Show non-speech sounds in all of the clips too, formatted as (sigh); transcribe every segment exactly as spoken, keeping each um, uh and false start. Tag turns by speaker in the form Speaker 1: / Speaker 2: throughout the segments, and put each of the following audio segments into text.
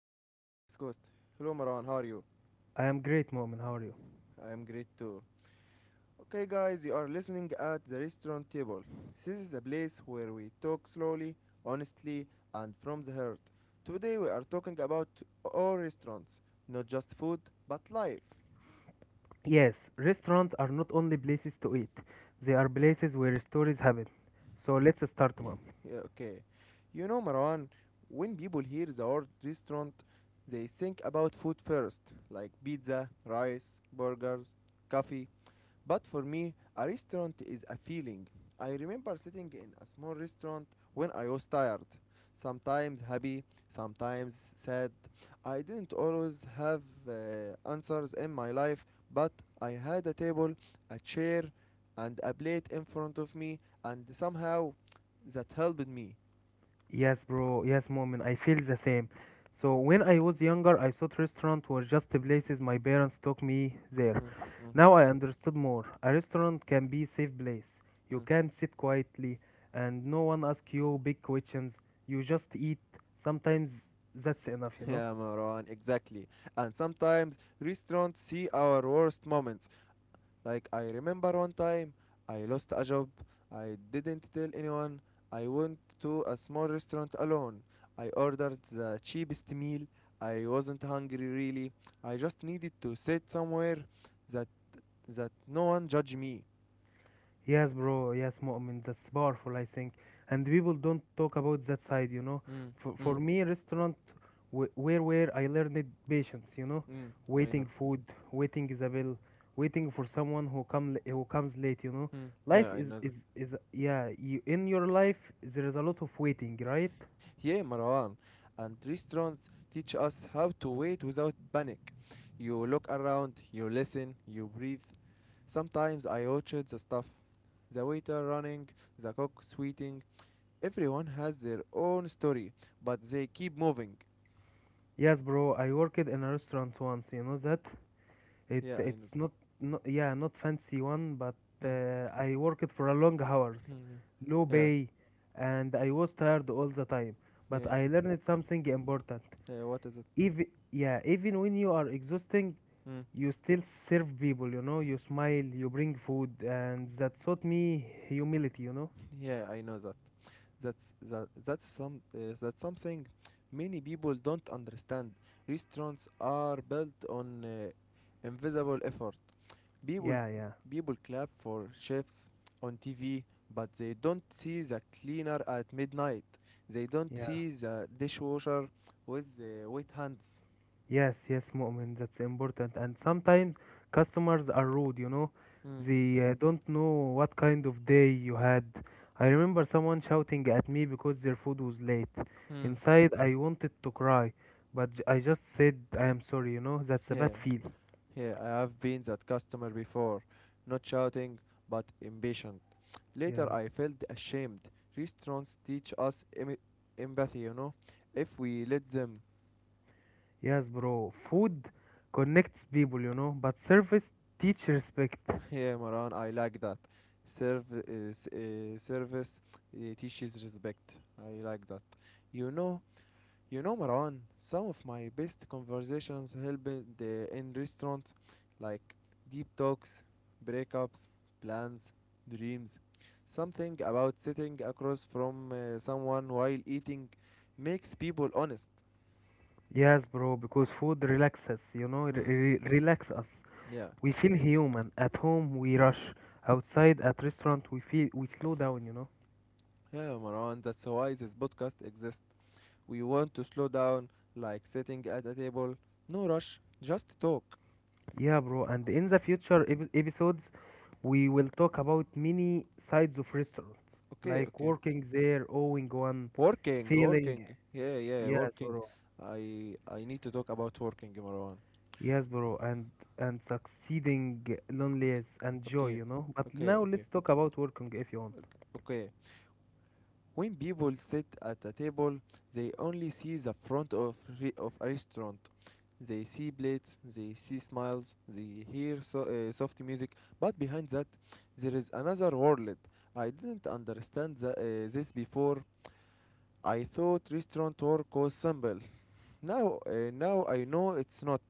Speaker 1: He is co-host. Hello Marwan. How are you?
Speaker 2: I am great, Mu'min. How are you?
Speaker 1: I am great too. Okay guys, you are listening at the restaurant table. This is a place where we talk slowly, honestly, and from the heart. Today we are talking about all restaurants, not just food, but life.
Speaker 2: Yes, restaurants are not only places to eat, they are places where stories happen. So let's start, mom.
Speaker 1: Yeah, okay. You know Marwan, when people hear the word restaurant, they think about food first, like pizza, rice, burgers, coffee, but for me, a restaurant is a feeling. I remember sitting in a small restaurant when I was tired, sometimes happy, sometimes sad. I didn't always have uh, answers in my life, but I had a table, a chair, and a plate in front of me, and somehow that helped me.
Speaker 2: Yes, bro. Yes, Mu'min. I feel the same. So when I was younger, I thought restaurant were just the places my parents took me there.
Speaker 1: Mm, mm,
Speaker 2: Now I understood more. A restaurant can be safe place. You
Speaker 1: mm.
Speaker 2: can sit quietly and no one asks you big questions. You just eat. Sometimes that's enough, you
Speaker 1: (laughs)
Speaker 2: know?
Speaker 1: Yeah, Marwan, exactly. And sometimes restaurants see our worst moments. Like I remember one time I lost a job. I didn't tell anyone. I went to a small restaurant alone. I ordered the cheapest meal. I wasn't hungry really. I just needed to sit somewhere that that no one judge me.
Speaker 2: Yes, bro. Yes, Mu'min. That's powerful, I think. And people don't talk about that side, you know.
Speaker 1: Mm,
Speaker 2: For, for
Speaker 1: mm,
Speaker 2: me, restaurant wh- where where I learned patience, you know,
Speaker 1: mm, I
Speaker 2: waiting
Speaker 1: know.
Speaker 2: food, waiting Isabel, waiting for someone who come l- who comes late, you know.
Speaker 1: Mm,
Speaker 2: Life
Speaker 1: yeah, I
Speaker 2: is
Speaker 1: know that.
Speaker 2: is is yeah. You, in your life, there is a lot of waiting, right?
Speaker 1: Yeah, Marwan. And restaurants teach us how to wait without panic. You look around, you listen, you breathe. Sometimes I watched the stuff. The waiter running, the cook sweating. Everyone has their own story, but they keep moving.
Speaker 2: Yes, bro. I worked in a restaurant once, you know that. It
Speaker 1: Yeah, I know
Speaker 2: it's
Speaker 1: that.
Speaker 2: not, not yeah not fancy one, but uh,
Speaker 1: Mm.
Speaker 2: I worked for a long hours,
Speaker 1: Mm,
Speaker 2: low
Speaker 1: yeah,
Speaker 2: pay, and I was tired all the time.
Speaker 1: yeah,
Speaker 2: But
Speaker 1: yeah.
Speaker 2: I learned something important.
Speaker 1: Yeah, what is it?
Speaker 2: Even yeah, even when you are exhausting,
Speaker 1: Mm.
Speaker 2: you still serve people. You know, you smile, you bring food, and that taught me humility. You know.
Speaker 1: Yeah, I know that. That's that. That's some. Uh, that's something many people don't understand. Restaurants are built on uh, invisible effort. people
Speaker 2: Yeah, yeah,
Speaker 1: people clap for chefs on T V, but they don't see the cleaner at midnight. They don't
Speaker 2: yeah.
Speaker 1: see the dishwasher with the wet hands.
Speaker 2: Yes, yes, Mu'min, that's important. And sometimes customers are rude, you know.
Speaker 1: Mm.
Speaker 2: They uh, don't know what kind of day you had. I remember someone shouting at me because their food was late.
Speaker 1: Mm.
Speaker 2: Inside, I wanted to cry, but j- I just said, I am sorry, you know. That's a
Speaker 1: Yeah,
Speaker 2: bad feel.
Speaker 1: yeah, I have been that customer before, not shouting but impatient. Later,
Speaker 2: Yeah.
Speaker 1: I felt ashamed. Restaurants teach us em- empathy, you know, if we let them.
Speaker 2: Yes, bro. Food connects people, you know, but service teach respect.
Speaker 1: Yeah, Maran, I like that. Serve is uh, service uh, teaches respect. I like that. You know, you know, Maran. Some of my best conversations happened uh, in restaurants, like deep talks, breakups, plans, dreams. Something about sitting across from uh, someone while eating makes people honest.
Speaker 2: Yes, bro, because food relaxes, you know, it
Speaker 1: Hmm.
Speaker 2: re- relax us.
Speaker 1: Yeah,
Speaker 2: We feel human. At home we rush. Outside at restaurant we feel we slow down, you know.
Speaker 1: yeah, Maran. That's why this podcast exists. We want to slow down, like sitting at a table. No rush, just talk.
Speaker 2: Yeah, bro. And in the future epi- episodes we will talk about many sides of restaurants,
Speaker 1: Okay,
Speaker 2: like
Speaker 1: okay.
Speaker 2: working there, owning one,
Speaker 1: Working,
Speaker 2: failing.
Speaker 1: working. Yeah, yeah,
Speaker 2: Yes,
Speaker 1: working.
Speaker 2: bro.
Speaker 1: I I need to talk about working, Marwan.
Speaker 2: Yes, bro. And and succeeding, loneliness and joy,
Speaker 1: Okay,
Speaker 2: you know. But
Speaker 1: okay, okay,
Speaker 2: now
Speaker 1: okay.
Speaker 2: let's talk about working if you want.
Speaker 1: ok. When people sit at a table, they only see the front of re- of a restaurant. They see plates, they see smiles, they hear so, uh, soft music, but behind that, there is another world. I didn't understand the, uh, this before. I thought restaurant work was simple. Now, uh, now I know it's not.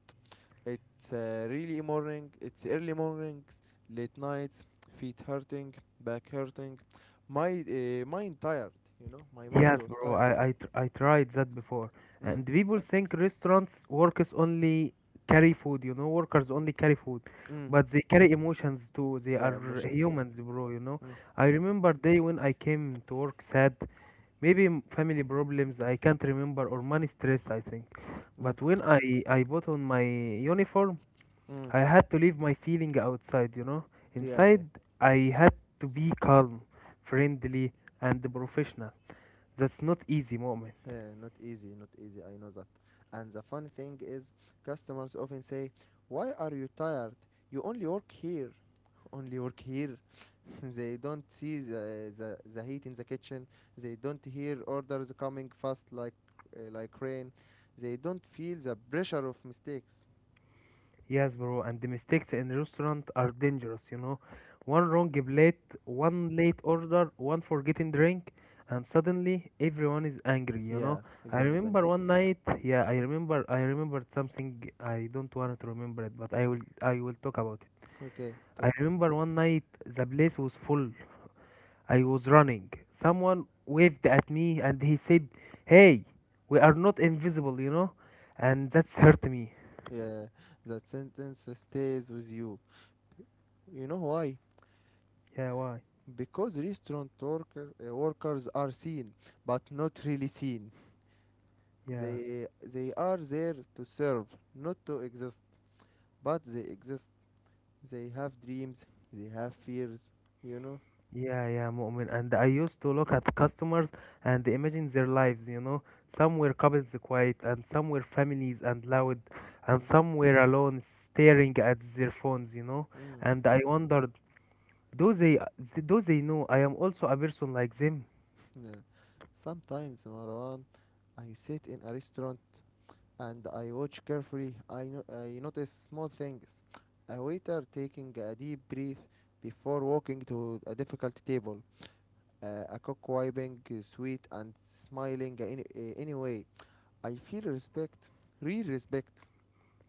Speaker 1: It's uh, really morning. It's early mornings, late nights, feet hurting, back hurting, my uh, mind tired. You know, my mind
Speaker 2: Yes,
Speaker 1: was
Speaker 2: bro.
Speaker 1: tired.
Speaker 2: I I, tr- I tried that before,
Speaker 1: Mm,
Speaker 2: and people think restaurants workers only carry food. You know, workers only carry food,
Speaker 1: mm, mm.
Speaker 2: but they carry emotions too. They are
Speaker 1: Yeah, emotions. Yeah.
Speaker 2: humans, bro. You know,
Speaker 1: Mm,
Speaker 2: I
Speaker 1: mm,
Speaker 2: remember day when I came to work sad, maybe m- family problems I can't remember or money stress. I think, but
Speaker 1: mm,
Speaker 2: when I I bought on my uniform,
Speaker 1: mm.
Speaker 2: I had to leave my feeling outside. You know,
Speaker 1: Yeah,
Speaker 2: inside
Speaker 1: yeah.
Speaker 2: I had to be calm, friendly, and professional. That's not easy, moment.
Speaker 1: Yeah, not easy, not easy. I know that. And the funny thing is, customers often say, "Why are you tired? You only work here." Only work here. (laughs) They don't see the, the, the heat in the kitchen. They don't hear orders coming fast like uh, like rain. They don't feel the pressure of mistakes.
Speaker 2: Yes, bro, and the mistakes in restaurant are dangerous, you know.
Speaker 1: Y- Yeah,
Speaker 2: One wrong plate, one late order, one forgetting drink, and suddenly everyone is angry, you know.
Speaker 1: yeah.
Speaker 2: I
Speaker 1: Everyone is
Speaker 2: remember
Speaker 1: angry.
Speaker 2: one night, yeah, I remember I remembered something I don't want to remember it, but I will I will talk about it.
Speaker 1: Okay, talk.
Speaker 2: I remember one night the place was full. I was running. Someone waved at me and he said, "Hey, we are not invisible, you know." And that's hurt me.
Speaker 1: Yeah, that sentence stays with you. You know why?
Speaker 2: Yeah, why?
Speaker 1: Because restaurant worker, uh, workers are seen, but not really seen.
Speaker 2: Yeah,
Speaker 1: They they are there to serve, not to exist, but they exist. They have dreams, they have fears, you know?
Speaker 2: yeah, yeah, Mu'min. And I used to look at customers and imagine their lives, you know. Some were couples quiet, and some were families and loud, and
Speaker 1: Mm,
Speaker 2: some were alone staring at their phones, you know.
Speaker 1: mm, mm.
Speaker 2: And I wondered, do they, do they know I am also a person like them?
Speaker 1: Yeah. Sometimes, Marwan, I sit in a restaurant and I watch carefully. I, no- I notice small things. A waiter taking a deep breath before walking to a difficult table. Uh, a cook wiping uh, sweet and smiling any, uh, anyway. I feel respect, real respect.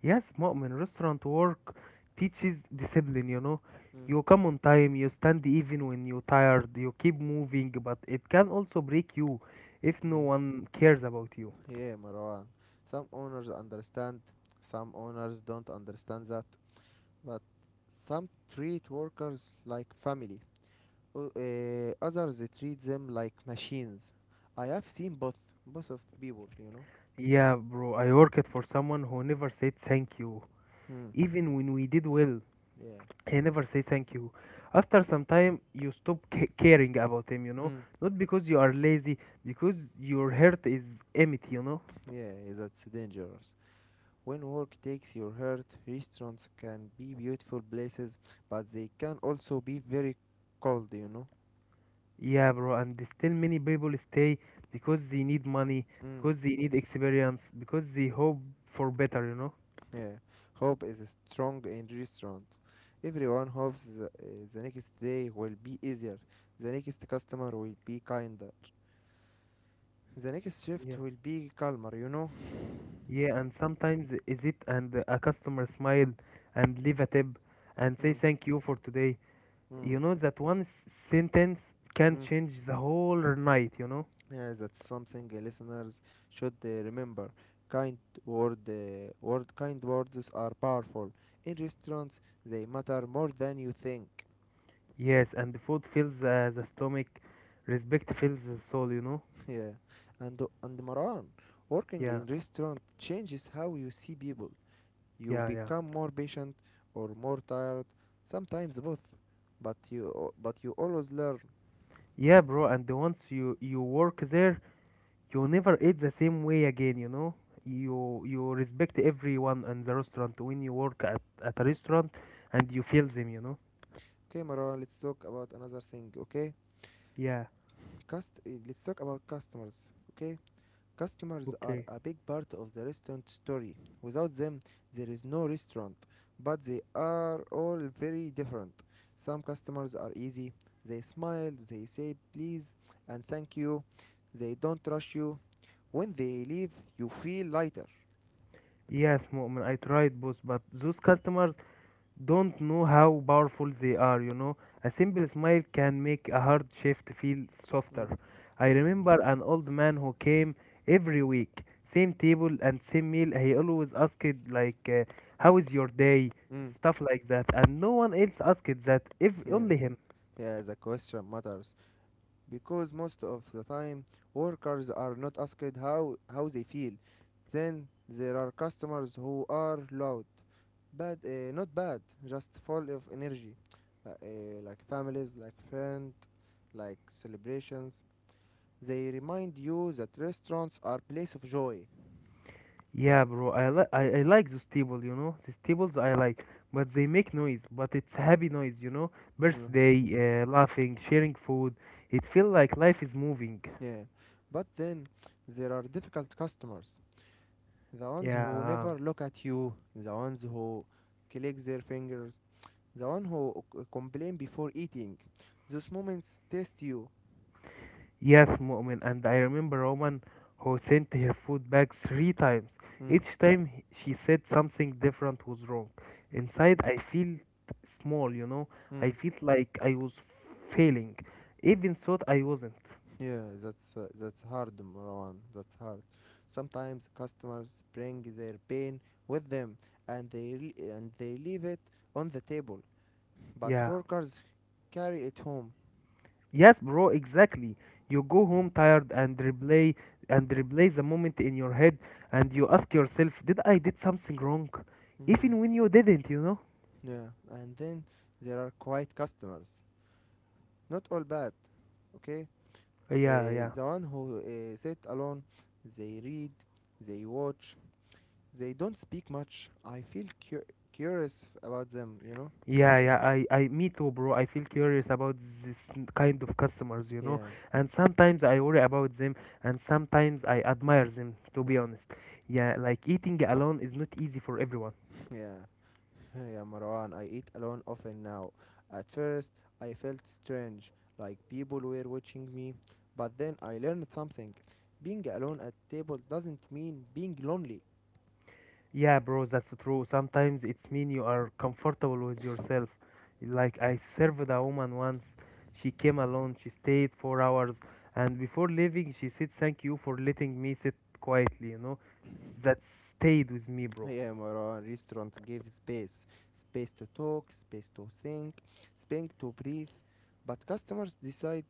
Speaker 2: Yes, Mu'min, restaurant work teaches discipline, you know.
Speaker 1: Mm,
Speaker 2: You come on time, you stand even when you're tired, you keep moving, but it can also break you if no
Speaker 1: yeah.
Speaker 2: one cares about you.
Speaker 1: Yeah, Marwan. Some owners understand, some owners don't understand that, but some treat workers like family, o- eh, others they treat them like machines. I have seen both, both of people, you know.
Speaker 2: Yeah, bro, I worked for someone who never said thank you.
Speaker 1: Hmm.
Speaker 2: Even when we did well,
Speaker 1: Yeah.
Speaker 2: he never said thank you. After some time, you stop ca- caring about him, you know?
Speaker 1: Hmm.
Speaker 2: Not because you are lazy, because your heart is empty, you know?
Speaker 1: Yeah, that's dangerous. When work takes your heart, restaurants can be beautiful places, but they can also be very cold, you know.
Speaker 2: Yeah, bro, and still many people stay because they need money,
Speaker 1: Hmm.
Speaker 2: because they need experience, because they hope for better, you know?
Speaker 1: Yeah, hope is strong in restaurants. Everyone hopes the, uh, the next day will be easier, the next customer will be kinder, the next
Speaker 2: Yeah.
Speaker 1: shift will be calmer, you know?
Speaker 2: Yeah, and sometimes is it and a customer smile and leave a tip and say
Speaker 1: Mm,
Speaker 2: thank you for today.
Speaker 1: mm,
Speaker 2: You know that one s- sentence can
Speaker 1: mm.
Speaker 2: change the whole night, you know?
Speaker 1: Yeah, that's something uh, listeners should uh, remember. Kind word, uh, word, kind words are powerful. In restaurants, they matter more than you think.
Speaker 2: Yes, and the food fills uh, the stomach, respect fills the soul, you know?
Speaker 1: (laughs) Yeah, and and Maran, working
Speaker 2: Yeah,
Speaker 1: in restaurant changes how you see people. You
Speaker 2: yeah, yeah.
Speaker 1: become more patient or more tired, sometimes both, but you but you always learn.
Speaker 2: Yeah, bro, and once you you work there, you never eat the same way again, you know? You you respect everyone in the restaurant when you work at, at a restaurant and you feel them, you know?
Speaker 1: Okay, Mara, let's talk about another thing. Okay,
Speaker 2: Yeah,
Speaker 1: Cust- eh, let's talk about customers. Okay, customers are
Speaker 2: okay.
Speaker 1: a big part of the restaurant story. Without them, there is no restaurant. But they are all very different. Some customers are easy. They smile. They say please and thank you. They don't rush you. When they leave, you feel lighter.
Speaker 2: Yes, Mu'min, I tried both, but those customers don't know how powerful they are, you know. A simple smile can make a hard shift feel
Speaker 1: Mm,
Speaker 2: softer. I
Speaker 1: mm.
Speaker 2: remember an old man who came every week, same table and same meal. He always asked, like, uh, how is your day?
Speaker 1: Mm,
Speaker 2: Stuff like that. And no one else asked that, if
Speaker 1: (laughs) yeah,
Speaker 2: only him.
Speaker 1: yeah, the question matters because most of the time workers are not asked how, how they feel. Then there are customers who are loud, bad, uh, not bad, just full of energy, uh, uh, like families, like friends, like celebrations. They remind you that restaurants are place of joy.
Speaker 2: Yeah, bro, I, li- I, I like those tables, you know. These tables I like, but they make noise, but it's happy noise, you know.
Speaker 1: Mm,
Speaker 2: Birthday, uh, laughing, sharing food. It feels like life is moving.
Speaker 1: yeah, but then there are difficult customers, the ones who
Speaker 2: Yeah.
Speaker 1: never look at you, the ones who click their fingers, the one who c- complain before eating. Those moments test you.
Speaker 2: Yes, Mu'min, and I remember Roman who sent her food back three times.
Speaker 1: Mm,
Speaker 2: Each time he- she said something different was wrong.
Speaker 1: mm,
Speaker 2: Inside, I felt small, you know. I
Speaker 1: mm.
Speaker 2: felt like I was failing, even thought I wasn't.
Speaker 1: Yeah, that's uh, that's hard, Marwan. That's hard. Sometimes customers bring their pain with them, and they l- and they leave it on the table. But
Speaker 2: Yeah.
Speaker 1: workers carry it home.
Speaker 2: Yes, bro, exactly. You go home tired and replay and replay the moment in your head, and you ask yourself, "Did I did something wrong?"
Speaker 1: Mm,
Speaker 2: Even when you didn't, you know.
Speaker 1: yeah, and then there are quiet customers. Not all bad, okay? Uh,
Speaker 2: Yeah, yeah.
Speaker 1: the one who uh, sit alone, they read, they watch, they don't speak much. I feel cu- curious about them, you know?
Speaker 2: Yeah, yeah, I, I, me too, bro. I feel curious about this n- kind of customers, you know,
Speaker 1: Yeah.
Speaker 2: and sometimes I worry about them, and sometimes I admire them, to be
Speaker 1: Mm.
Speaker 2: honest. Yeah, like eating alone is not easy for everyone.
Speaker 1: (laughs) Yeah. (laughs) Yeah, Marwan, I eat alone often now. At first, I felt strange, like people were watching me, but then I learned something. Being alone at table doesn't mean being lonely.
Speaker 2: Yeah, bro, that's true. Sometimes it's mean you are comfortable with yourself. Like I served a woman once, she came alone, she stayed four hours, and before leaving, she said, "Thank you for letting me sit quietly," you know. That stayed with me, bro.
Speaker 1: I am a Restaurant gives space, space to talk, space to think, space to breathe, but customers decide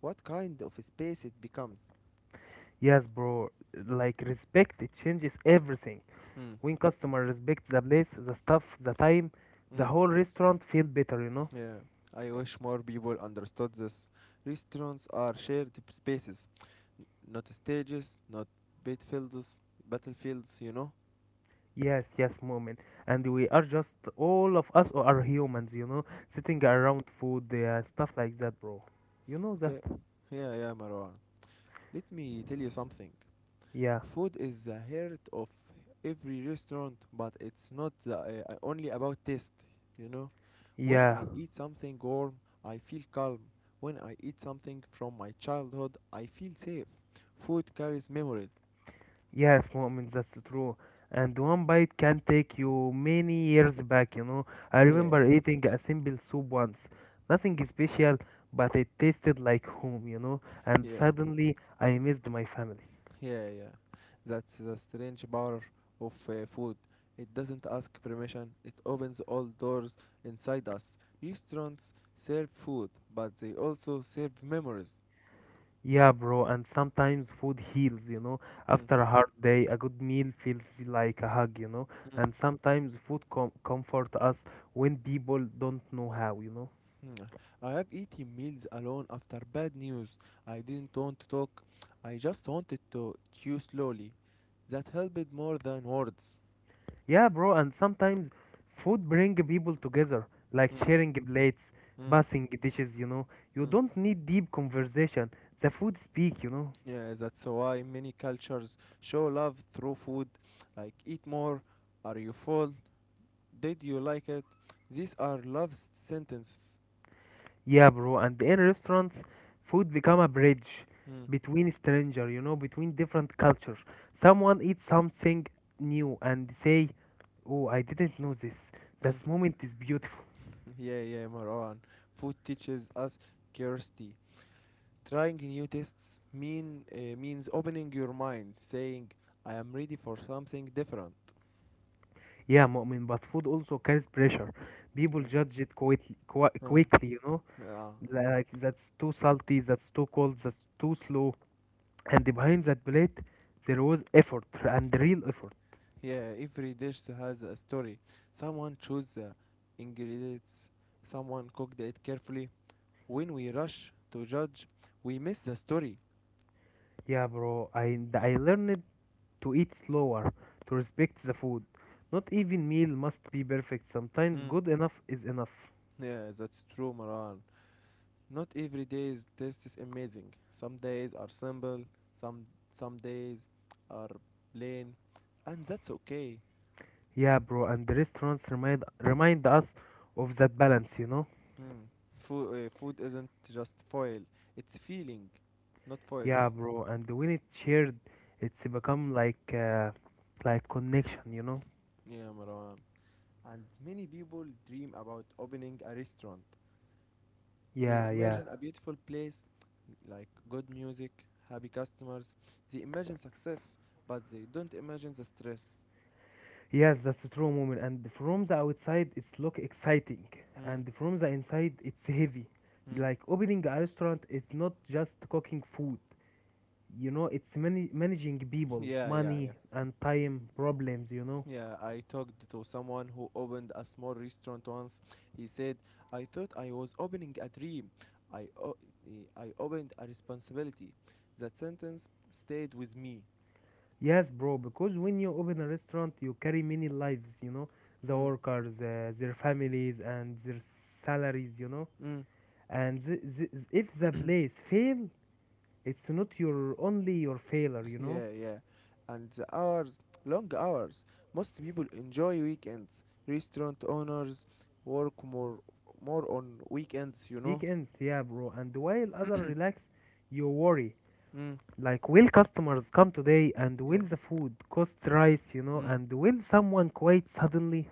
Speaker 1: what kind of space it becomes.
Speaker 2: Yes, bro. Like respect, it changes everything.
Speaker 1: Hmm.
Speaker 2: When customer respects the place, the staff, the time, the
Speaker 1: Hmm.
Speaker 2: whole restaurant feel better, you know.
Speaker 1: Yeah. I wish more people understood this. Restaurants are shared spaces, not stages, not battlefields, battlefields, you know?
Speaker 2: Yes, yes, moment. And we are just all of us are humans, you know, sitting around food, uh, stuff like that, bro. You know that?
Speaker 1: Okay. Yeah, yeah, Marwan. Let me tell you something.
Speaker 2: Yeah,
Speaker 1: Food is the heart of every restaurant, but it's not the, uh, uh, only about taste, you know. When
Speaker 2: yeah.
Speaker 1: I eat something warm, I feel calm. When I eat something from my childhood, I feel safe. Food carries memories.
Speaker 2: Yes, moments, that's true. And one bite can take you many years back, you know. I
Speaker 1: Yeah,
Speaker 2: remember eating a simple soup once. Nothing special, but it tasted like home, you know. And
Speaker 1: yeah,
Speaker 2: suddenly I missed my family.
Speaker 1: yeah, yeah. That's the strange power of uh, food. It doesn't ask permission, it opens all doors inside us. Restaurants serve food, but they also serve memories.
Speaker 2: Yeah, bro, and sometimes food heals, you know.
Speaker 1: Mm.
Speaker 2: After a hard day, a good meal feels like a hug, you know. And sometimes food com comfort us when people don't know how, you know.
Speaker 1: Hmm, I have eaten meals alone after bad news. I didn't want to talk. I just wanted to chew slowly. That helped more than words.
Speaker 2: Yeah, bro, and sometimes food bring people together, like
Speaker 1: Hmm,
Speaker 2: sharing plates,
Speaker 1: hmm,
Speaker 2: passing dishes, you know. You
Speaker 1: hmm.
Speaker 2: don't need deep conversation. The food speak, you know.
Speaker 1: Yeah, that's why many cultures show love through food, like eat more, are you full, did you like it? These are love s- sentences.
Speaker 2: Yeah, bro, and in restaurants, food become a bridge
Speaker 1: Hmm,
Speaker 2: between stranger, you know, between different cultures. Someone eats something new and say, "Oh, I didn't know this."
Speaker 1: hmm.
Speaker 2: That moment is beautiful.
Speaker 1: (laughs) Yeah, yeah, Marwan. Food teaches us curiosity. Trying new tests mean uh, means opening your mind, saying I am ready for something different.
Speaker 2: Yeah, Mu'min, but food also carries pressure. People
Speaker 1: Right?
Speaker 2: judge it quite, qui-
Speaker 1: ah,
Speaker 2: quickly, you know.
Speaker 1: yeah,
Speaker 2: Tha- Like that's too salty, that's too cold, that's too slow. And behind that plate, there was effort and real effort.
Speaker 1: yeah. Every dish has a story. Someone chose the ingredients. Someone cooked it carefully. When we rush to judge, we miss the story.
Speaker 2: Yeah, bro. I I learned to eat slower, to respect the food. Not even meal must be perfect. Sometimes
Speaker 1: Mm.
Speaker 2: good enough is enough.
Speaker 1: Yeah, that's true, Maran. Not every day's test is amazing. Some days are simple. Some some days are plain, and that's okay.
Speaker 2: Yeah, bro. And the restaurants remind remind us of that balance, you know.
Speaker 1: Mm. Food, uh, food isn't just foil, it's feeling, not foil.
Speaker 2: Yeah, bro. And when it's shared, it's become like uh, like connection, you know.
Speaker 1: Yeah, Marwan. And many people dream about opening a restaurant. They
Speaker 2: Yeah, yeah.
Speaker 1: imagine a beautiful place, like good music, happy customers. They imagine success, but they don't imagine the stress.
Speaker 2: Yes, that's a true moment. And from the outside, it's look exciting,
Speaker 1: Mm.
Speaker 2: and from the inside, it's heavy.
Speaker 1: Mm.
Speaker 2: Like opening a restaurant is not just cooking food. You know, it's many managing
Speaker 1: (laughs)
Speaker 2: people,
Speaker 1: Yeah, yeah, yeah.
Speaker 2: money, and time problems. You know.
Speaker 1: Yeah, I talked to someone who opened a small restaurant once. He said, I thought I was opening a dream. I, o- eh, I opened a responsibility. That sentence stayed with me.
Speaker 2: Yes, bro. Because when you open a restaurant, you carry many lives. You know, the
Speaker 1: Mm.
Speaker 2: workers, uh, their families, and their salaries. You know,
Speaker 1: Mm.
Speaker 2: and th- th- if the place fail, it's not your only your failure.
Speaker 1: (laughs)
Speaker 2: You know.
Speaker 1: Yeah, yeah. And the hours, long hours. Most people enjoy weekends. Restaurant owners work more, more on weekends, you know?
Speaker 2: Weekends, yeah, bro. And
Speaker 1: (coughs)
Speaker 2: while
Speaker 1: (clears throat)
Speaker 2: other
Speaker 1: mm.
Speaker 2: relax, you worry. Like, will customers come today? And
Speaker 1: Yeah.
Speaker 2: will the food cost rise, you know?
Speaker 1: Mm.
Speaker 2: And will someone quit suddenly?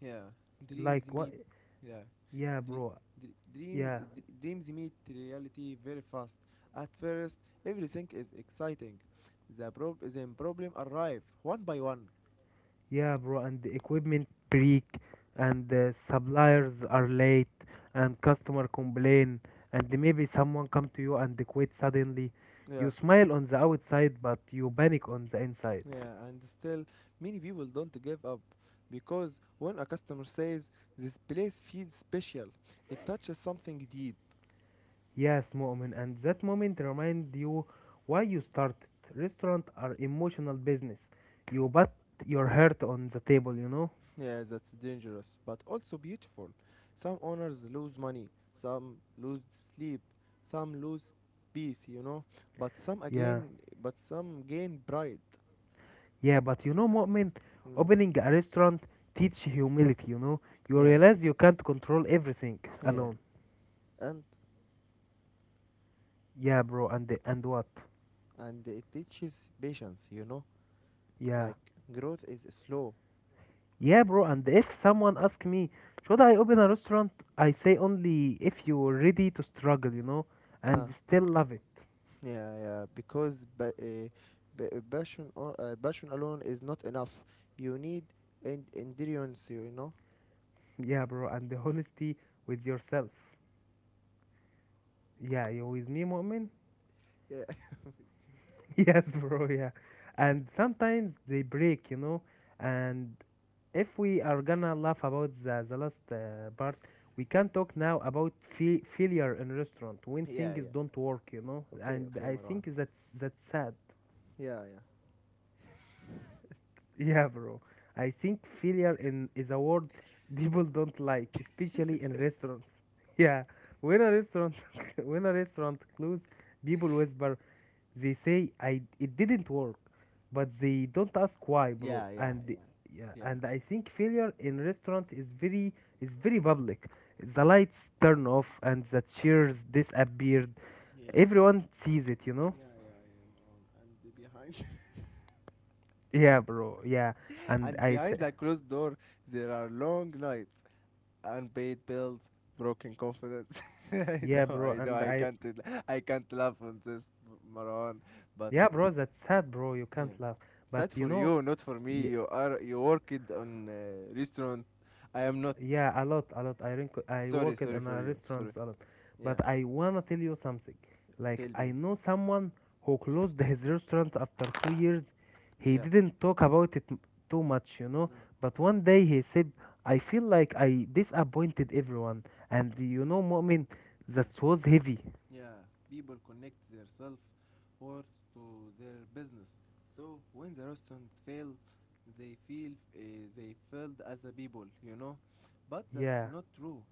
Speaker 1: Yeah, dreams
Speaker 2: Like, what?
Speaker 1: meet. Yeah,
Speaker 2: Yeah,
Speaker 1: Dre-
Speaker 2: bro.
Speaker 1: dre- dreams
Speaker 2: Yeah,
Speaker 1: d- dreams meet reality very fast. At first, everything is exciting. The prob then problem arrive one by one.
Speaker 2: yeah, bro. And the equipment break, and the suppliers are late, and customer complain, and maybe someone come to you and they quit suddenly. You
Speaker 1: Yeah,
Speaker 2: smile on the outside, but you panic on the inside.
Speaker 1: yeah, and still many people don't give up because when a customer says this place feels special, it touches something deep.
Speaker 2: Yes, Mu'min, and that moment remind you why you started. Restaurant are emotional business. You put your heart on the table, you know?
Speaker 1: Yeah, that's dangerous, but also beautiful. Some owners lose money, some lose sleep, some lose peace, you know, but some
Speaker 2: Yeah.
Speaker 1: again, but some gain pride.
Speaker 2: Yeah, but you know, Mu'min,
Speaker 1: Mm,
Speaker 2: opening a restaurant teach humility, you know? You
Speaker 1: yeah,
Speaker 2: realize you can't control everything
Speaker 1: yeah,
Speaker 2: alone.
Speaker 1: and
Speaker 2: Yeah, bro, and and what?
Speaker 1: and it teaches patience, you know,
Speaker 2: Yeah.
Speaker 1: like growth is slow.
Speaker 2: Yeah, bro, and if someone ask me, should I open a restaurant? I say only if you're ready to struggle, you know,
Speaker 1: Huh.
Speaker 2: and still love it.
Speaker 1: Yeah, yeah, because ba- uh, ba- uh, passion or uh, passion alone is not enough. You need and endurance, you know.
Speaker 2: Yeah, bro, and the honesty with yourself. Yeah, you with me, Mu'min?
Speaker 1: Yeah.
Speaker 2: (laughs) Yes, bro, yeah. And sometimes they break, you know. And if we are gonna laugh about the, the last uh, part, we can talk now about fa- failure in restaurant when
Speaker 1: (laughs) yeah,
Speaker 2: things
Speaker 1: yeah.
Speaker 2: don't work, you know.
Speaker 1: Okay,
Speaker 2: And
Speaker 1: okay,
Speaker 2: I
Speaker 1: Marwan.
Speaker 2: think that's that's sad.
Speaker 1: Yeah,
Speaker 2: Yeah, bro. I think failure in is a word (laughs) people don't like, especially in restaurants. (laughs) Yeah, when a restaurant (laughs) when a restaurant closes, people whisper. They say I it didn't work, but they don't ask why, bro.
Speaker 1: yeah, yeah,
Speaker 2: And
Speaker 1: yeah,
Speaker 2: the- yeah,
Speaker 1: yeah, yeah.
Speaker 2: and I think failure in restaurant is very is very public. The lights turn off and the chairs disappeared.
Speaker 1: Yeah,
Speaker 2: Everyone sees it, you know.
Speaker 1: yeah, yeah, yeah, Maron. And behind,
Speaker 2: Yeah, bro. Yeah,
Speaker 1: (laughs)
Speaker 2: and
Speaker 1: And
Speaker 2: I say
Speaker 1: behind that closed door, there are long nights, unpaid bills, broken confidence. (laughs) I
Speaker 2: yeah,
Speaker 1: know,
Speaker 2: bro.
Speaker 1: I know,
Speaker 2: And
Speaker 1: I
Speaker 2: I
Speaker 1: can't, I can't laugh on this, Maran. But
Speaker 2: yeah,
Speaker 1: uh,
Speaker 2: bro, that's sad, bro. You
Speaker 1: yeah,
Speaker 2: can't laugh. But
Speaker 1: sad
Speaker 2: you
Speaker 1: for
Speaker 2: know,
Speaker 1: you, not for me.
Speaker 2: y-
Speaker 1: You are, you worked on uh, restaurant. I am not.
Speaker 2: yeah, a lot, a lot. I rink- I
Speaker 1: Sorry,
Speaker 2: worked in
Speaker 1: sorry for
Speaker 2: a
Speaker 1: you. Sorry.
Speaker 2: restaurants a lot.
Speaker 1: Yeah,
Speaker 2: But I wanna tell you something. Like
Speaker 1: tell
Speaker 2: I
Speaker 1: me.
Speaker 2: know someone who closed (laughs) his restaurant after two years. He
Speaker 1: Yeah.
Speaker 2: didn't talk about it m- too much, you know.
Speaker 1: Mm,
Speaker 2: But one day he said, "I feel like I disappointed everyone." And you know, Mu'min,
Speaker 1: yeah.
Speaker 2: that was heavy.
Speaker 1: Yeah, people connect themselves worth to their business. So when the restaurants fail, they feel uh, they failed as a people, you know. But that's
Speaker 2: Yeah.
Speaker 1: not true.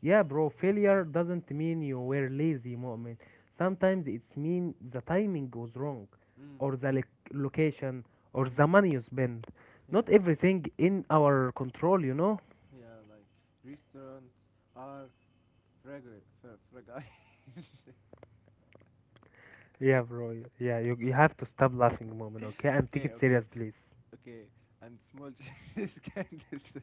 Speaker 2: Yeah, bro, failure doesn't mean you were lazy, moment. Sometimes it's mean the timing was wrong,
Speaker 1: Mm,
Speaker 2: or the
Speaker 1: mm,
Speaker 2: loc location, or
Speaker 1: mm.
Speaker 2: the money you spent.
Speaker 1: Yeah,
Speaker 2: Not everything in our control, you know?
Speaker 1: yeah. Like restaurants are fragile, fra- fragile.
Speaker 2: Yeah, bro. Yeah, you, you have to stop laughing, moment, okay?
Speaker 1: (laughs)
Speaker 2: And take
Speaker 1: okay,
Speaker 2: it
Speaker 1: okay,
Speaker 2: serious, please.
Speaker 1: okay. And small changes (laughs) can destroy.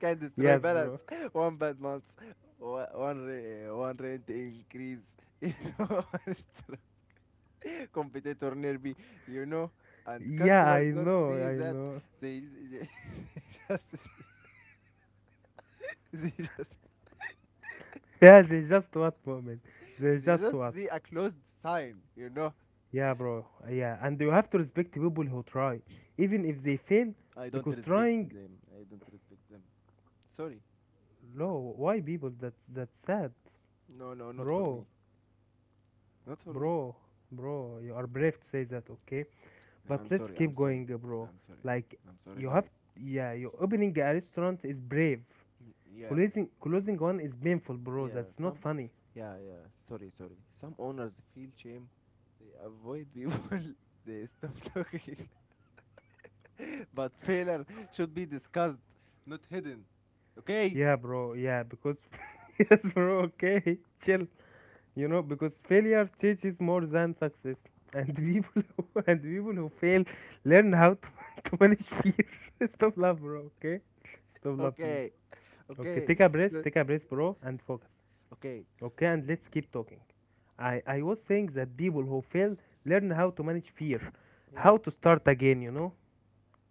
Speaker 1: can destroy
Speaker 2: Yes, bro.
Speaker 1: balance. (laughs) One bad month, one one rent increase. You know, (laughs) one stro- competitor nearby. You know, and
Speaker 2: Yeah, I
Speaker 1: customers don't
Speaker 2: know,
Speaker 1: see
Speaker 2: I
Speaker 1: that.
Speaker 2: know.
Speaker 1: They, they (laughs) just they just
Speaker 2: (laughs) Yeah, they just what, moment. They
Speaker 1: they
Speaker 2: just
Speaker 1: just
Speaker 2: what.
Speaker 1: see a closed sign. You know,
Speaker 2: Yeah, bro. Yeah, and you have to respect people who try, even if they fail,
Speaker 1: I don't
Speaker 2: because
Speaker 1: respect
Speaker 2: trying
Speaker 1: them. I don't respect them. Sorry.
Speaker 2: no, why people? That's that's sad,
Speaker 1: No, no, not for
Speaker 2: bro,
Speaker 1: me. Not for me.
Speaker 2: bro, bro. You are brave to say that, okay? But
Speaker 1: I'm
Speaker 2: let's
Speaker 1: sorry.
Speaker 2: keep
Speaker 1: I'm sorry.
Speaker 2: going, uh, bro.
Speaker 1: I'm sorry.
Speaker 2: Like
Speaker 1: I'm sorry,
Speaker 2: you have,
Speaker 1: guys.
Speaker 2: yeah. You opening a restaurant is brave.
Speaker 1: Mm, yeah, yeah.
Speaker 2: Closing closing one is painful, bro.
Speaker 1: Yeah,
Speaker 2: That's not
Speaker 1: some
Speaker 2: funny.
Speaker 1: yeah, yeah. Sorry, sorry. Some owners feel shame. They avoid people. (laughs) they stop talking. (laughs) but failure should be discussed, not hidden. Okay?
Speaker 2: Yeah, bro. Yeah, because (laughs) yes, bro. Okay, (laughs) chill. You know, because failure teaches more than success, and (laughs) people who, and people who fail learn how to, (laughs) to manage fear. (laughs) Stop love, bro. Okay, stop love, please.
Speaker 1: Okay. (laughs)
Speaker 2: Okay,
Speaker 1: Okay.
Speaker 2: take a breath,
Speaker 1: So,
Speaker 2: take a breath, bro, and focus.
Speaker 1: okay.
Speaker 2: Okay, and let's keep talking. I, I was saying that people who fail learn how to manage fear,
Speaker 1: Yeah.
Speaker 2: how to start again, you know?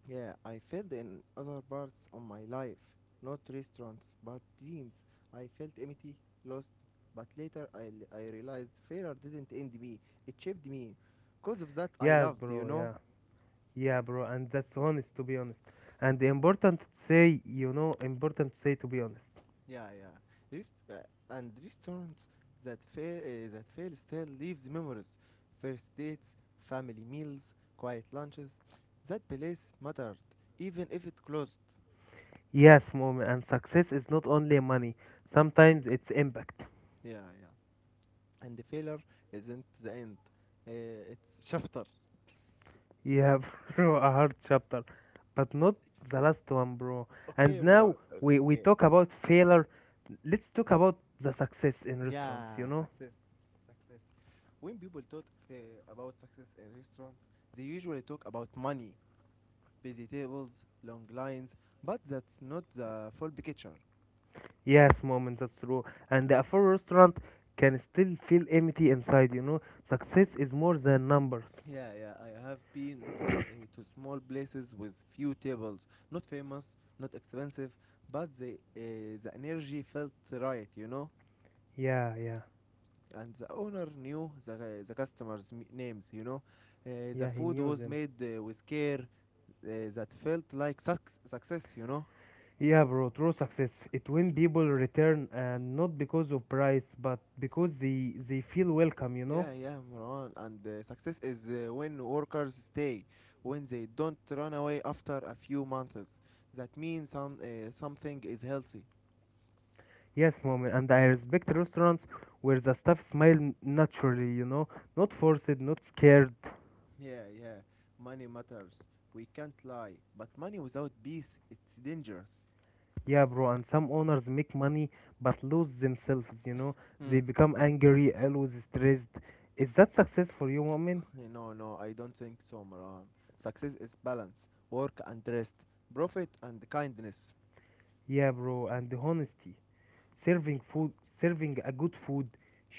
Speaker 1: Yeah, I failed in other parts of my life. Not restaurants, but dreams. I felt empty, lost, but later I, l- I realized failure didn't end me. It shaped me. Because of that, I
Speaker 2: Yes,
Speaker 1: loved, you
Speaker 2: bro,
Speaker 1: know?
Speaker 2: yeah. Yeah, bro, and that's honest, to be honest. And the important to say, you know, important to say, to be honest.
Speaker 1: Yeah, yeah. Rest uh, and restaurants that fail uh, that fail still leaves memories. First dates, family meals, quiet lunches. That place mattered, even if it closed.
Speaker 2: Yes, moment, and success is not only money,
Speaker 1: Mm.
Speaker 2: sometimes it's impact.
Speaker 1: Yeah, yeah. And the failure isn't the end. Uh, it's chapter.
Speaker 2: Yeah, (laughs) bro, a hard chapter, but not the last one, bro. And
Speaker 1: Okay,
Speaker 2: now
Speaker 1: Maran.
Speaker 2: we we
Speaker 1: Okay.
Speaker 2: talk about failure. Let's talk about the success in restaurants. You
Speaker 1: Yeah,
Speaker 2: know?
Speaker 1: success, success. When people talk uh, about success in restaurants, they usually talk about money, busy tables, long lines, but that's not the full picture.
Speaker 2: Yes, moment. That's true. And the full restaurant can still feel empty inside. You know, success is more than numbers.
Speaker 1: Yeah, yeah, I have been to uh, to small places with few tables, not famous, not expensive, but the uh, the energy felt right, you know.
Speaker 2: Yeah, yeah,
Speaker 1: And the owner knew the uh, the customers' m- names, you know. Uh, the
Speaker 2: yeah. He
Speaker 1: food
Speaker 2: knew
Speaker 1: was
Speaker 2: them.
Speaker 1: made uh, with care, uh, that felt like suc- success, you know.
Speaker 2: Yeah, bro. True success. It when people return, and not because of price, but because they they feel welcome. You know?
Speaker 1: Yeah, yeah, Marwan. And uh, success is uh, when workers stay, when they don't run away after a few months. That means some uh, something is healthy.
Speaker 2: Yes, mom, and I respect restaurants where the staff smile naturally, you know, not
Speaker 1: Mm.
Speaker 2: forced, not scared.
Speaker 1: Yeah, yeah. Money matters. We can't lie. But money without peace, it's dangerous.
Speaker 2: Yeah, bro, and some owners make money but lose themselves, you know,
Speaker 1: Mm.
Speaker 2: they become angry, always stressed. Is that success for you, woman?
Speaker 1: Eh, no, no, I don't think so, Marwan. Success is balance, work and rest, profit and kindness.
Speaker 2: Yeah, bro, and the honesty, serving food, serving a good food,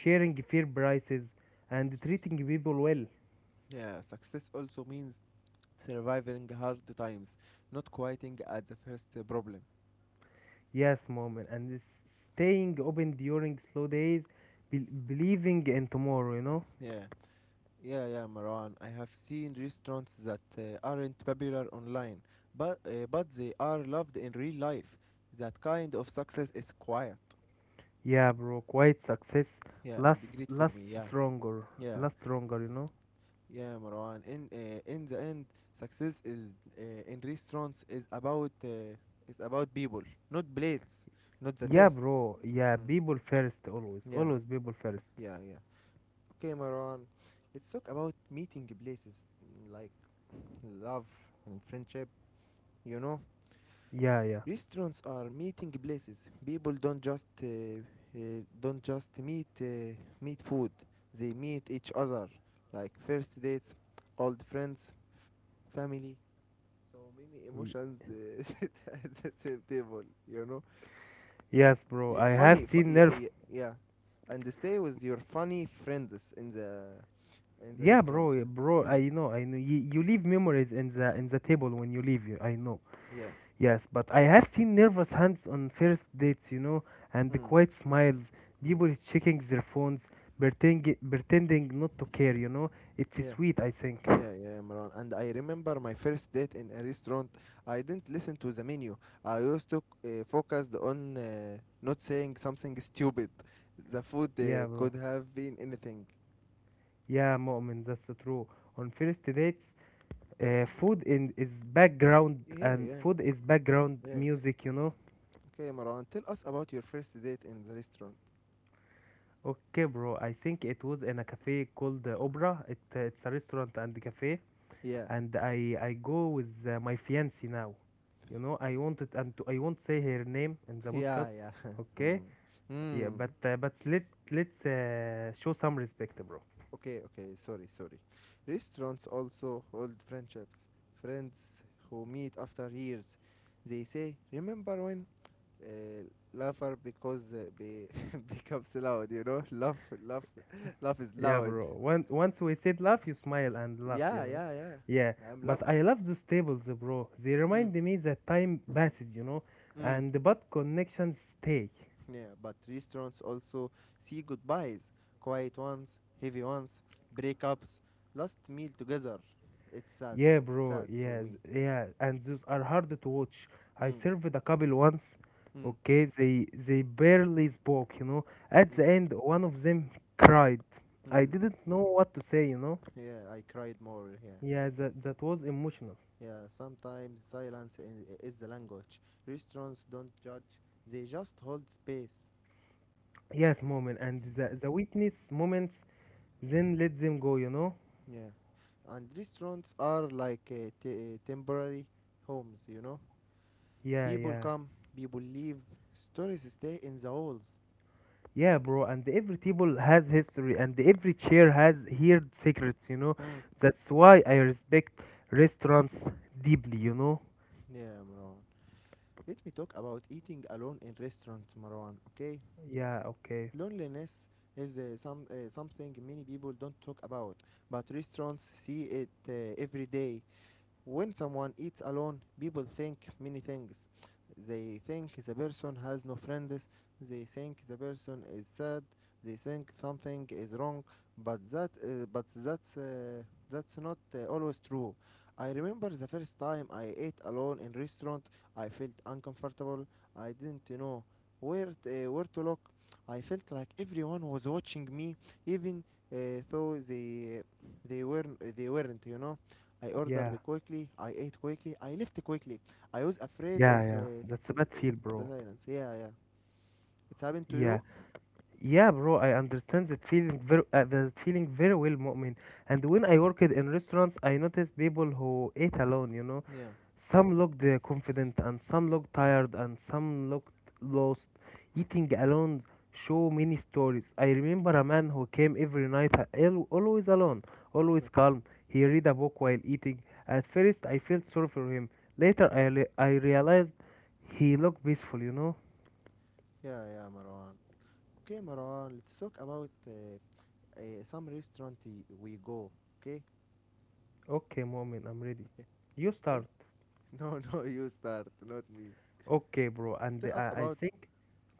Speaker 2: sharing fair prices, and treating people well.
Speaker 1: Yeah, success also means surviving hard times, not quitting at the first uh, problem.
Speaker 2: Yes, mom, and s- staying open during slow days, bel believing in tomorrow, you know.
Speaker 1: Yeah. Yeah, yeah, Marwan. I have seen restaurants that uh, aren't popular online, but uh, but they are loved in real life. That kind of success is quiet.
Speaker 2: Yeah, bro, Quite success
Speaker 1: Yeah, and
Speaker 2: lasts
Speaker 1: great for me.
Speaker 2: lasts
Speaker 1: Yeah,
Speaker 2: stronger,
Speaker 1: yeah,
Speaker 2: lasts stronger, you know.
Speaker 1: yeah, Marwan. In uh, in the end, success is uh, in restaurants is about uh, is about people, not blades, not the
Speaker 2: Yeah,
Speaker 1: test.
Speaker 2: bro. Yeah,
Speaker 1: Mm.
Speaker 2: people first always,
Speaker 1: Yeah,
Speaker 2: always people first.
Speaker 1: yeah, yeah. Okay, Marwan. Let's talk about meeting places mm, like love and friendship. You know
Speaker 2: Yeah, yeah.
Speaker 1: restaurants are meeting places. People don't just uh, uh, don't just meet uh, meet food. They meet each other like first dates, old friends, f- family. So many
Speaker 2: Y-
Speaker 1: emotions uh, (laughs) at the same table. You know,
Speaker 2: yes, bro.
Speaker 1: yeah,
Speaker 2: I have
Speaker 1: funny. Fu-
Speaker 2: seen
Speaker 1: yeah,
Speaker 2: nerve.
Speaker 1: yeah, yeah, and stay with your funny friends in the in the
Speaker 2: Yeah,
Speaker 1: restaurant.
Speaker 2: bro, yeah,
Speaker 1: Yeah,
Speaker 2: bro.
Speaker 1: mm,
Speaker 2: I know, I know. You, you leave memories in the in the table when you leave. You, I know.
Speaker 1: yeah,
Speaker 2: Yes, but I have seen nervous hands on first dates, you know, and the
Speaker 1: mm,
Speaker 2: quiet smiles.
Speaker 1: mm,
Speaker 2: People checking their phones, pretending pretending not to care, you know. It's
Speaker 1: yeah.
Speaker 2: sweet, I think.
Speaker 1: Yeah, yeah, Imran. And I remember my first date in a restaurant. I didn't listen to the menu. I used to uh, focused on uh, not saying something stupid. The food uh,
Speaker 2: Yeah, bro.
Speaker 1: could have been anything.
Speaker 2: Yeah, Mu'min, that's true. On first dates, uh, food in is background
Speaker 1: Yeah,
Speaker 2: and
Speaker 1: yeah,
Speaker 2: food is background
Speaker 1: yeah.
Speaker 2: music, you know.
Speaker 1: Okay, Imran, tell us about your first date in the restaurant.
Speaker 2: Okay, bro. I think it was in a cafe called uh, Opera. It uh, it's a restaurant and cafe,
Speaker 1: Yeah,
Speaker 2: and I I go with uh, my fiancée now. You know, I wanted and to, I won't say her name in
Speaker 1: (laughs)
Speaker 2: the
Speaker 1: yeah,
Speaker 2: podcast.
Speaker 1: yeah. (laughs) Hmm.
Speaker 2: Okay, yeah,
Speaker 1: Hmm.
Speaker 2: but uh, but let let's uh, show some respect, bro.
Speaker 1: Okay, okay. Sorry, sorry. Restaurants also hold friendships. Friends who meet after years. They say, "Remember when?" uh, laugher because uh, be (laughs) becomes loud, you know? (laughs) Laugh, laugh, (laughs) laugh is
Speaker 2: Yeah,
Speaker 1: loud.
Speaker 2: bro. Once once we said laugh, you smile and laugh, you
Speaker 1: Yeah,
Speaker 2: know.
Speaker 1: yeah,
Speaker 2: Yeah,
Speaker 1: yeah. I'm
Speaker 2: but
Speaker 1: laugher.
Speaker 2: I love those tables, bro. They
Speaker 1: Mm.
Speaker 2: remind me that time passes, you know,
Speaker 1: Mm.
Speaker 2: and but connections stay.
Speaker 1: Yeah, but restaurants also see goodbyes, quiet ones, heavy ones, breakups, last meal together. It's sad.
Speaker 2: Yeah,
Speaker 1: It's
Speaker 2: bro.
Speaker 1: sad for
Speaker 2: Yes,
Speaker 1: me.
Speaker 2: yeah, and those are hard to watch. I
Speaker 1: Mm.
Speaker 2: served a couple once.
Speaker 1: Mm.
Speaker 2: Okay, they they barely spoke, you know. At
Speaker 1: Mm.
Speaker 2: the end, one of them cried. I
Speaker 1: Mm.
Speaker 2: didn't know what to say, you know.
Speaker 1: Yeah, I cried more. Yeah, yeah.
Speaker 2: Yeah, that that was emotional.
Speaker 1: Yeah, sometimes silence i- is the language. Restaurants don't judge, they just hold space.
Speaker 2: Yes, moment and the, the witness moments. Then let them go, you know?
Speaker 1: Yeah, and restaurants are like uh, t- uh, temporary homes, you know.
Speaker 2: Yeah,
Speaker 1: People
Speaker 2: yeah.
Speaker 1: come, people leave, stories stay in the halls.
Speaker 2: Yeah, bro, and every table has history and every chair has heard secrets, you know?
Speaker 1: Mm.
Speaker 2: That's why I respect restaurants deeply, you know?
Speaker 1: Yeah, Marwan. Let me talk about eating alone in restaurant, Marwan. Okay,
Speaker 2: Yeah, okay.
Speaker 1: loneliness is uh, some uh, something many people don't talk about, but restaurants see it uh, every day. When someone eats alone, people think many things. They think the person has no friends, they think the person is sad, they think something is wrong, but that uh, but that's uh, that's not uh, always true. I remember the first time I ate alone in restaurant, I felt uncomfortable. I didn't know where t- uh, where to look. I felt like everyone was watching me even uh, though they they weren't they weren't, you know. I
Speaker 2: Yeah.
Speaker 1: ordered quickly. I ate quickly. I left quickly. I was afraid of
Speaker 2: Yeah, yeah.
Speaker 1: the
Speaker 2: That's a bad
Speaker 1: the
Speaker 2: feel, bro.
Speaker 1: silence. Yeah, yeah. It's happened to
Speaker 2: Yeah.
Speaker 1: you?
Speaker 2: Yeah, bro, I understand that feeling very uh, that feeling very well, Mu'min. And when I worked in restaurants, I noticed people who ate alone, you know?
Speaker 1: Yeah.
Speaker 2: Some looked uh, confident and some looked tired and some looked lost. Eating alone show many stories. I remember a man who came every night uh, al- always alone, always
Speaker 1: No.
Speaker 2: calm. He read a book while eating. At first I felt sorry for him. Later I, re- I realized he looked peaceful, you know?
Speaker 1: Yeah, yeah, Marwan. Okay, Marwan, let's talk about uh, uh, some restaurant y- we go. Okay?
Speaker 2: Okay, moment, I'm ready.
Speaker 1: Okay.
Speaker 2: You start.
Speaker 1: Okay? (laughs) No, no, you start, not me.
Speaker 2: Okay, bro. And
Speaker 1: Tell us
Speaker 2: uh, I
Speaker 1: about
Speaker 2: think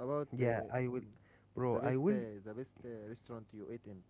Speaker 1: about
Speaker 2: yeah,
Speaker 1: uh,
Speaker 2: I will
Speaker 1: um,
Speaker 2: bro,
Speaker 1: the
Speaker 2: I
Speaker 1: best
Speaker 2: will
Speaker 1: uh, the best uh, restaurant you ate in.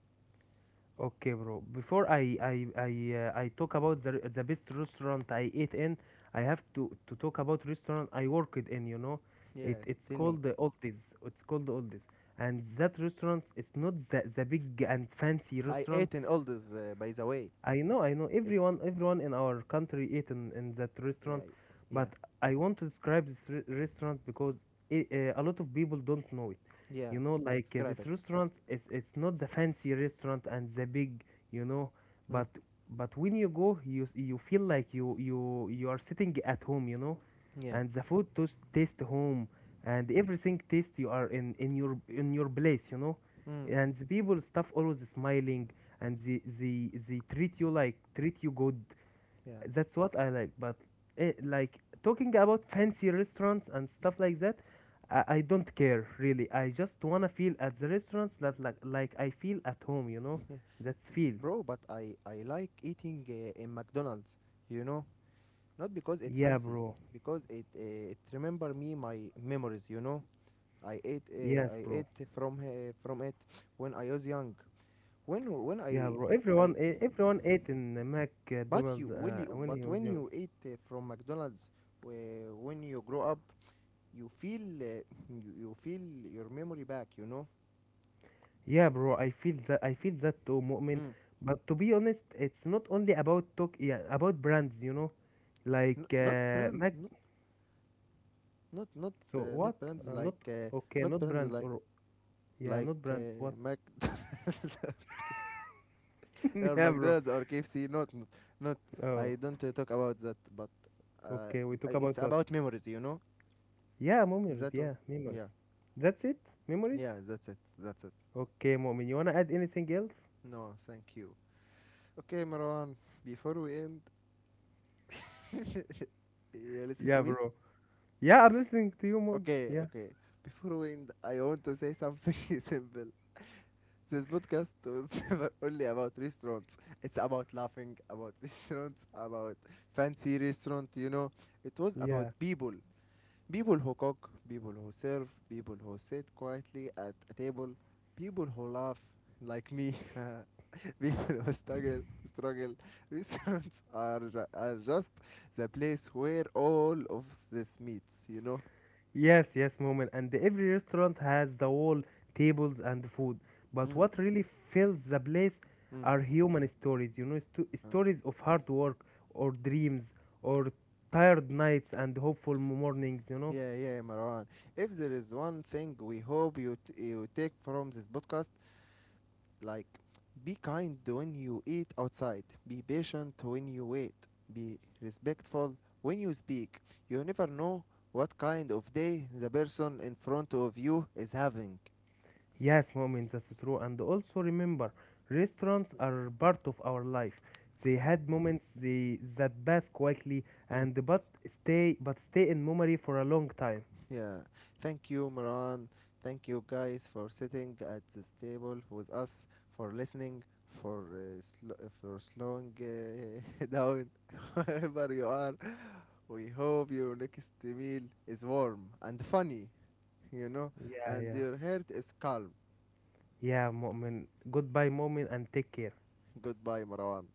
Speaker 2: okay, bro. Before I I I uh, I talk about the the best restaurant I ate in, I have to to talk about restaurant I worked in. You know, it
Speaker 1: Yeah,
Speaker 2: it's
Speaker 1: tell me.
Speaker 2: called the Oldies. It's called the Oldies, and that restaurant is not the the big and fancy
Speaker 1: I
Speaker 2: restaurant.
Speaker 1: ate in all this, uh, by the way.
Speaker 2: I know, I know.
Speaker 1: It.
Speaker 2: Everyone, everyone in our country ate in, in that restaurant,
Speaker 1: Yeah,
Speaker 2: but
Speaker 1: yeah,
Speaker 2: I want to describe this re- restaurant because I uh, a lot of people don't know it.
Speaker 1: yeah.
Speaker 2: You know, like uh,
Speaker 1: Describe
Speaker 2: this
Speaker 1: it.
Speaker 2: restaurant, it's it's not the fancy restaurant and the big, you know,
Speaker 1: Mm,
Speaker 2: but but when you go, you s- you feel like you you you are sitting at home. You know,
Speaker 1: yeah.
Speaker 2: and the food tos- taste home and everything taste you are in in your in your place, you know,
Speaker 1: Mm,
Speaker 2: and the people stuff always smiling and they they they treat you like treat you good.
Speaker 1: yeah.
Speaker 2: That's what I like. But eh, like talking about fancy restaurants and stuff like that, I, I don't care really. I just wanna feel at the restaurants that like like I feel at home, you
Speaker 1: (laughs)
Speaker 2: know.
Speaker 1: yeah.
Speaker 2: That's feel
Speaker 1: Bro, but I I like eating uh, in McDonald's, you know, not because it
Speaker 2: yeah,
Speaker 1: fancy,
Speaker 2: bro.
Speaker 1: because it uh, it remember me my memories, you know. I ate uh,
Speaker 2: Yes,
Speaker 1: I
Speaker 2: bro,
Speaker 1: ate from uh, from it when I was young. When when
Speaker 2: yeah,
Speaker 1: I
Speaker 2: bro, everyone
Speaker 1: I
Speaker 2: eh, everyone ate in the
Speaker 1: but you
Speaker 2: mcdonald's
Speaker 1: will
Speaker 2: uh,
Speaker 1: you
Speaker 2: when he
Speaker 1: but
Speaker 2: was
Speaker 1: when
Speaker 2: young.
Speaker 1: you eat uh, from McDonald's uh, when you grow up, you feel uh, you, you feel your memory back, you know.
Speaker 2: Yeah, bro, I feel that I feel that too, Mu'min.
Speaker 1: Mm.
Speaker 2: But to be honest, it's not only about talk, yeah, about brands, you know, like
Speaker 1: N- not
Speaker 2: uh, Mac.
Speaker 1: brands, not not not
Speaker 2: So
Speaker 1: uh,
Speaker 2: what?
Speaker 1: not brands
Speaker 2: Uh, not
Speaker 1: like uh,
Speaker 2: okay,
Speaker 1: not
Speaker 2: not
Speaker 1: brands
Speaker 2: brands
Speaker 1: like
Speaker 2: or yeah,
Speaker 1: like
Speaker 2: not brands. What?
Speaker 1: uh, McDonald's (laughs)
Speaker 2: (laughs)
Speaker 1: or
Speaker 2: Yeah, bro.
Speaker 1: McDonald's or K F C. Not not, not
Speaker 2: Oh,
Speaker 1: I don't uh, talk about that, but uh,
Speaker 2: okay. We talk
Speaker 1: I- it's
Speaker 2: about what?
Speaker 1: about memories, you know.
Speaker 2: Yeah, memories.
Speaker 1: That one.
Speaker 2: Yeah, memories.
Speaker 1: Yeah,
Speaker 2: That's it. Memories.
Speaker 1: yeah. That's it. That's it.
Speaker 2: Okay, Mu'min. You wanna add anything else?
Speaker 1: No, thank you. Okay, Marwan. Before we end, (laughs) you listen to
Speaker 2: Yeah,
Speaker 1: me.
Speaker 2: bro. Yeah, I'm listening to you, Mom.
Speaker 1: Okay,
Speaker 2: Yeah,
Speaker 1: okay. Before we end, I want to say something (laughs) simple. This podcast was (laughs) never only about restaurants. It's about laughing, about (laughs) restaurants, about fancy restaurant, you know. It was about
Speaker 2: yeah.
Speaker 1: people. People who cook, people who serve, people who sit quietly at a table, people who laugh like me, (laughs) people who struggle, struggle. (laughs) Restaurants are, ju- are just the place where all of this meets, you know.
Speaker 2: Yes, yes, moment. And every restaurant has the wall, tables, and food. But
Speaker 1: Mm,
Speaker 2: what really fills the place
Speaker 1: mm,
Speaker 2: are human stories, you know, sto-
Speaker 1: mm.
Speaker 2: stories of hard work or dreams or tired nights and hopeful mornings, you know.
Speaker 1: Yeah, yeah, Marwan. If there is one thing we hope you t- you take from this podcast, like be kind when you eat outside, be patient when you wait, be respectful when you speak. You never know what kind of day the person in front of you is having.
Speaker 2: Yes, moment, that's true. And also remember, restaurants are part of our life. They had moments they, that pass quickly
Speaker 1: Hmm.
Speaker 2: and but stay but stay in memory for a long time.
Speaker 1: Yeah. Thank you, Marwan. Thank you guys for sitting at this table with us, for listening, for uh, sl- for slowing uh, (laughs) down (laughs) wherever you are. We hope your next meal is warm and funny, you know,
Speaker 2: Yeah,
Speaker 1: and
Speaker 2: yeah.
Speaker 1: your heart is calm.
Speaker 2: Yeah, moment. Goodbye, moment, and take care.
Speaker 1: Goodbye, Marwan.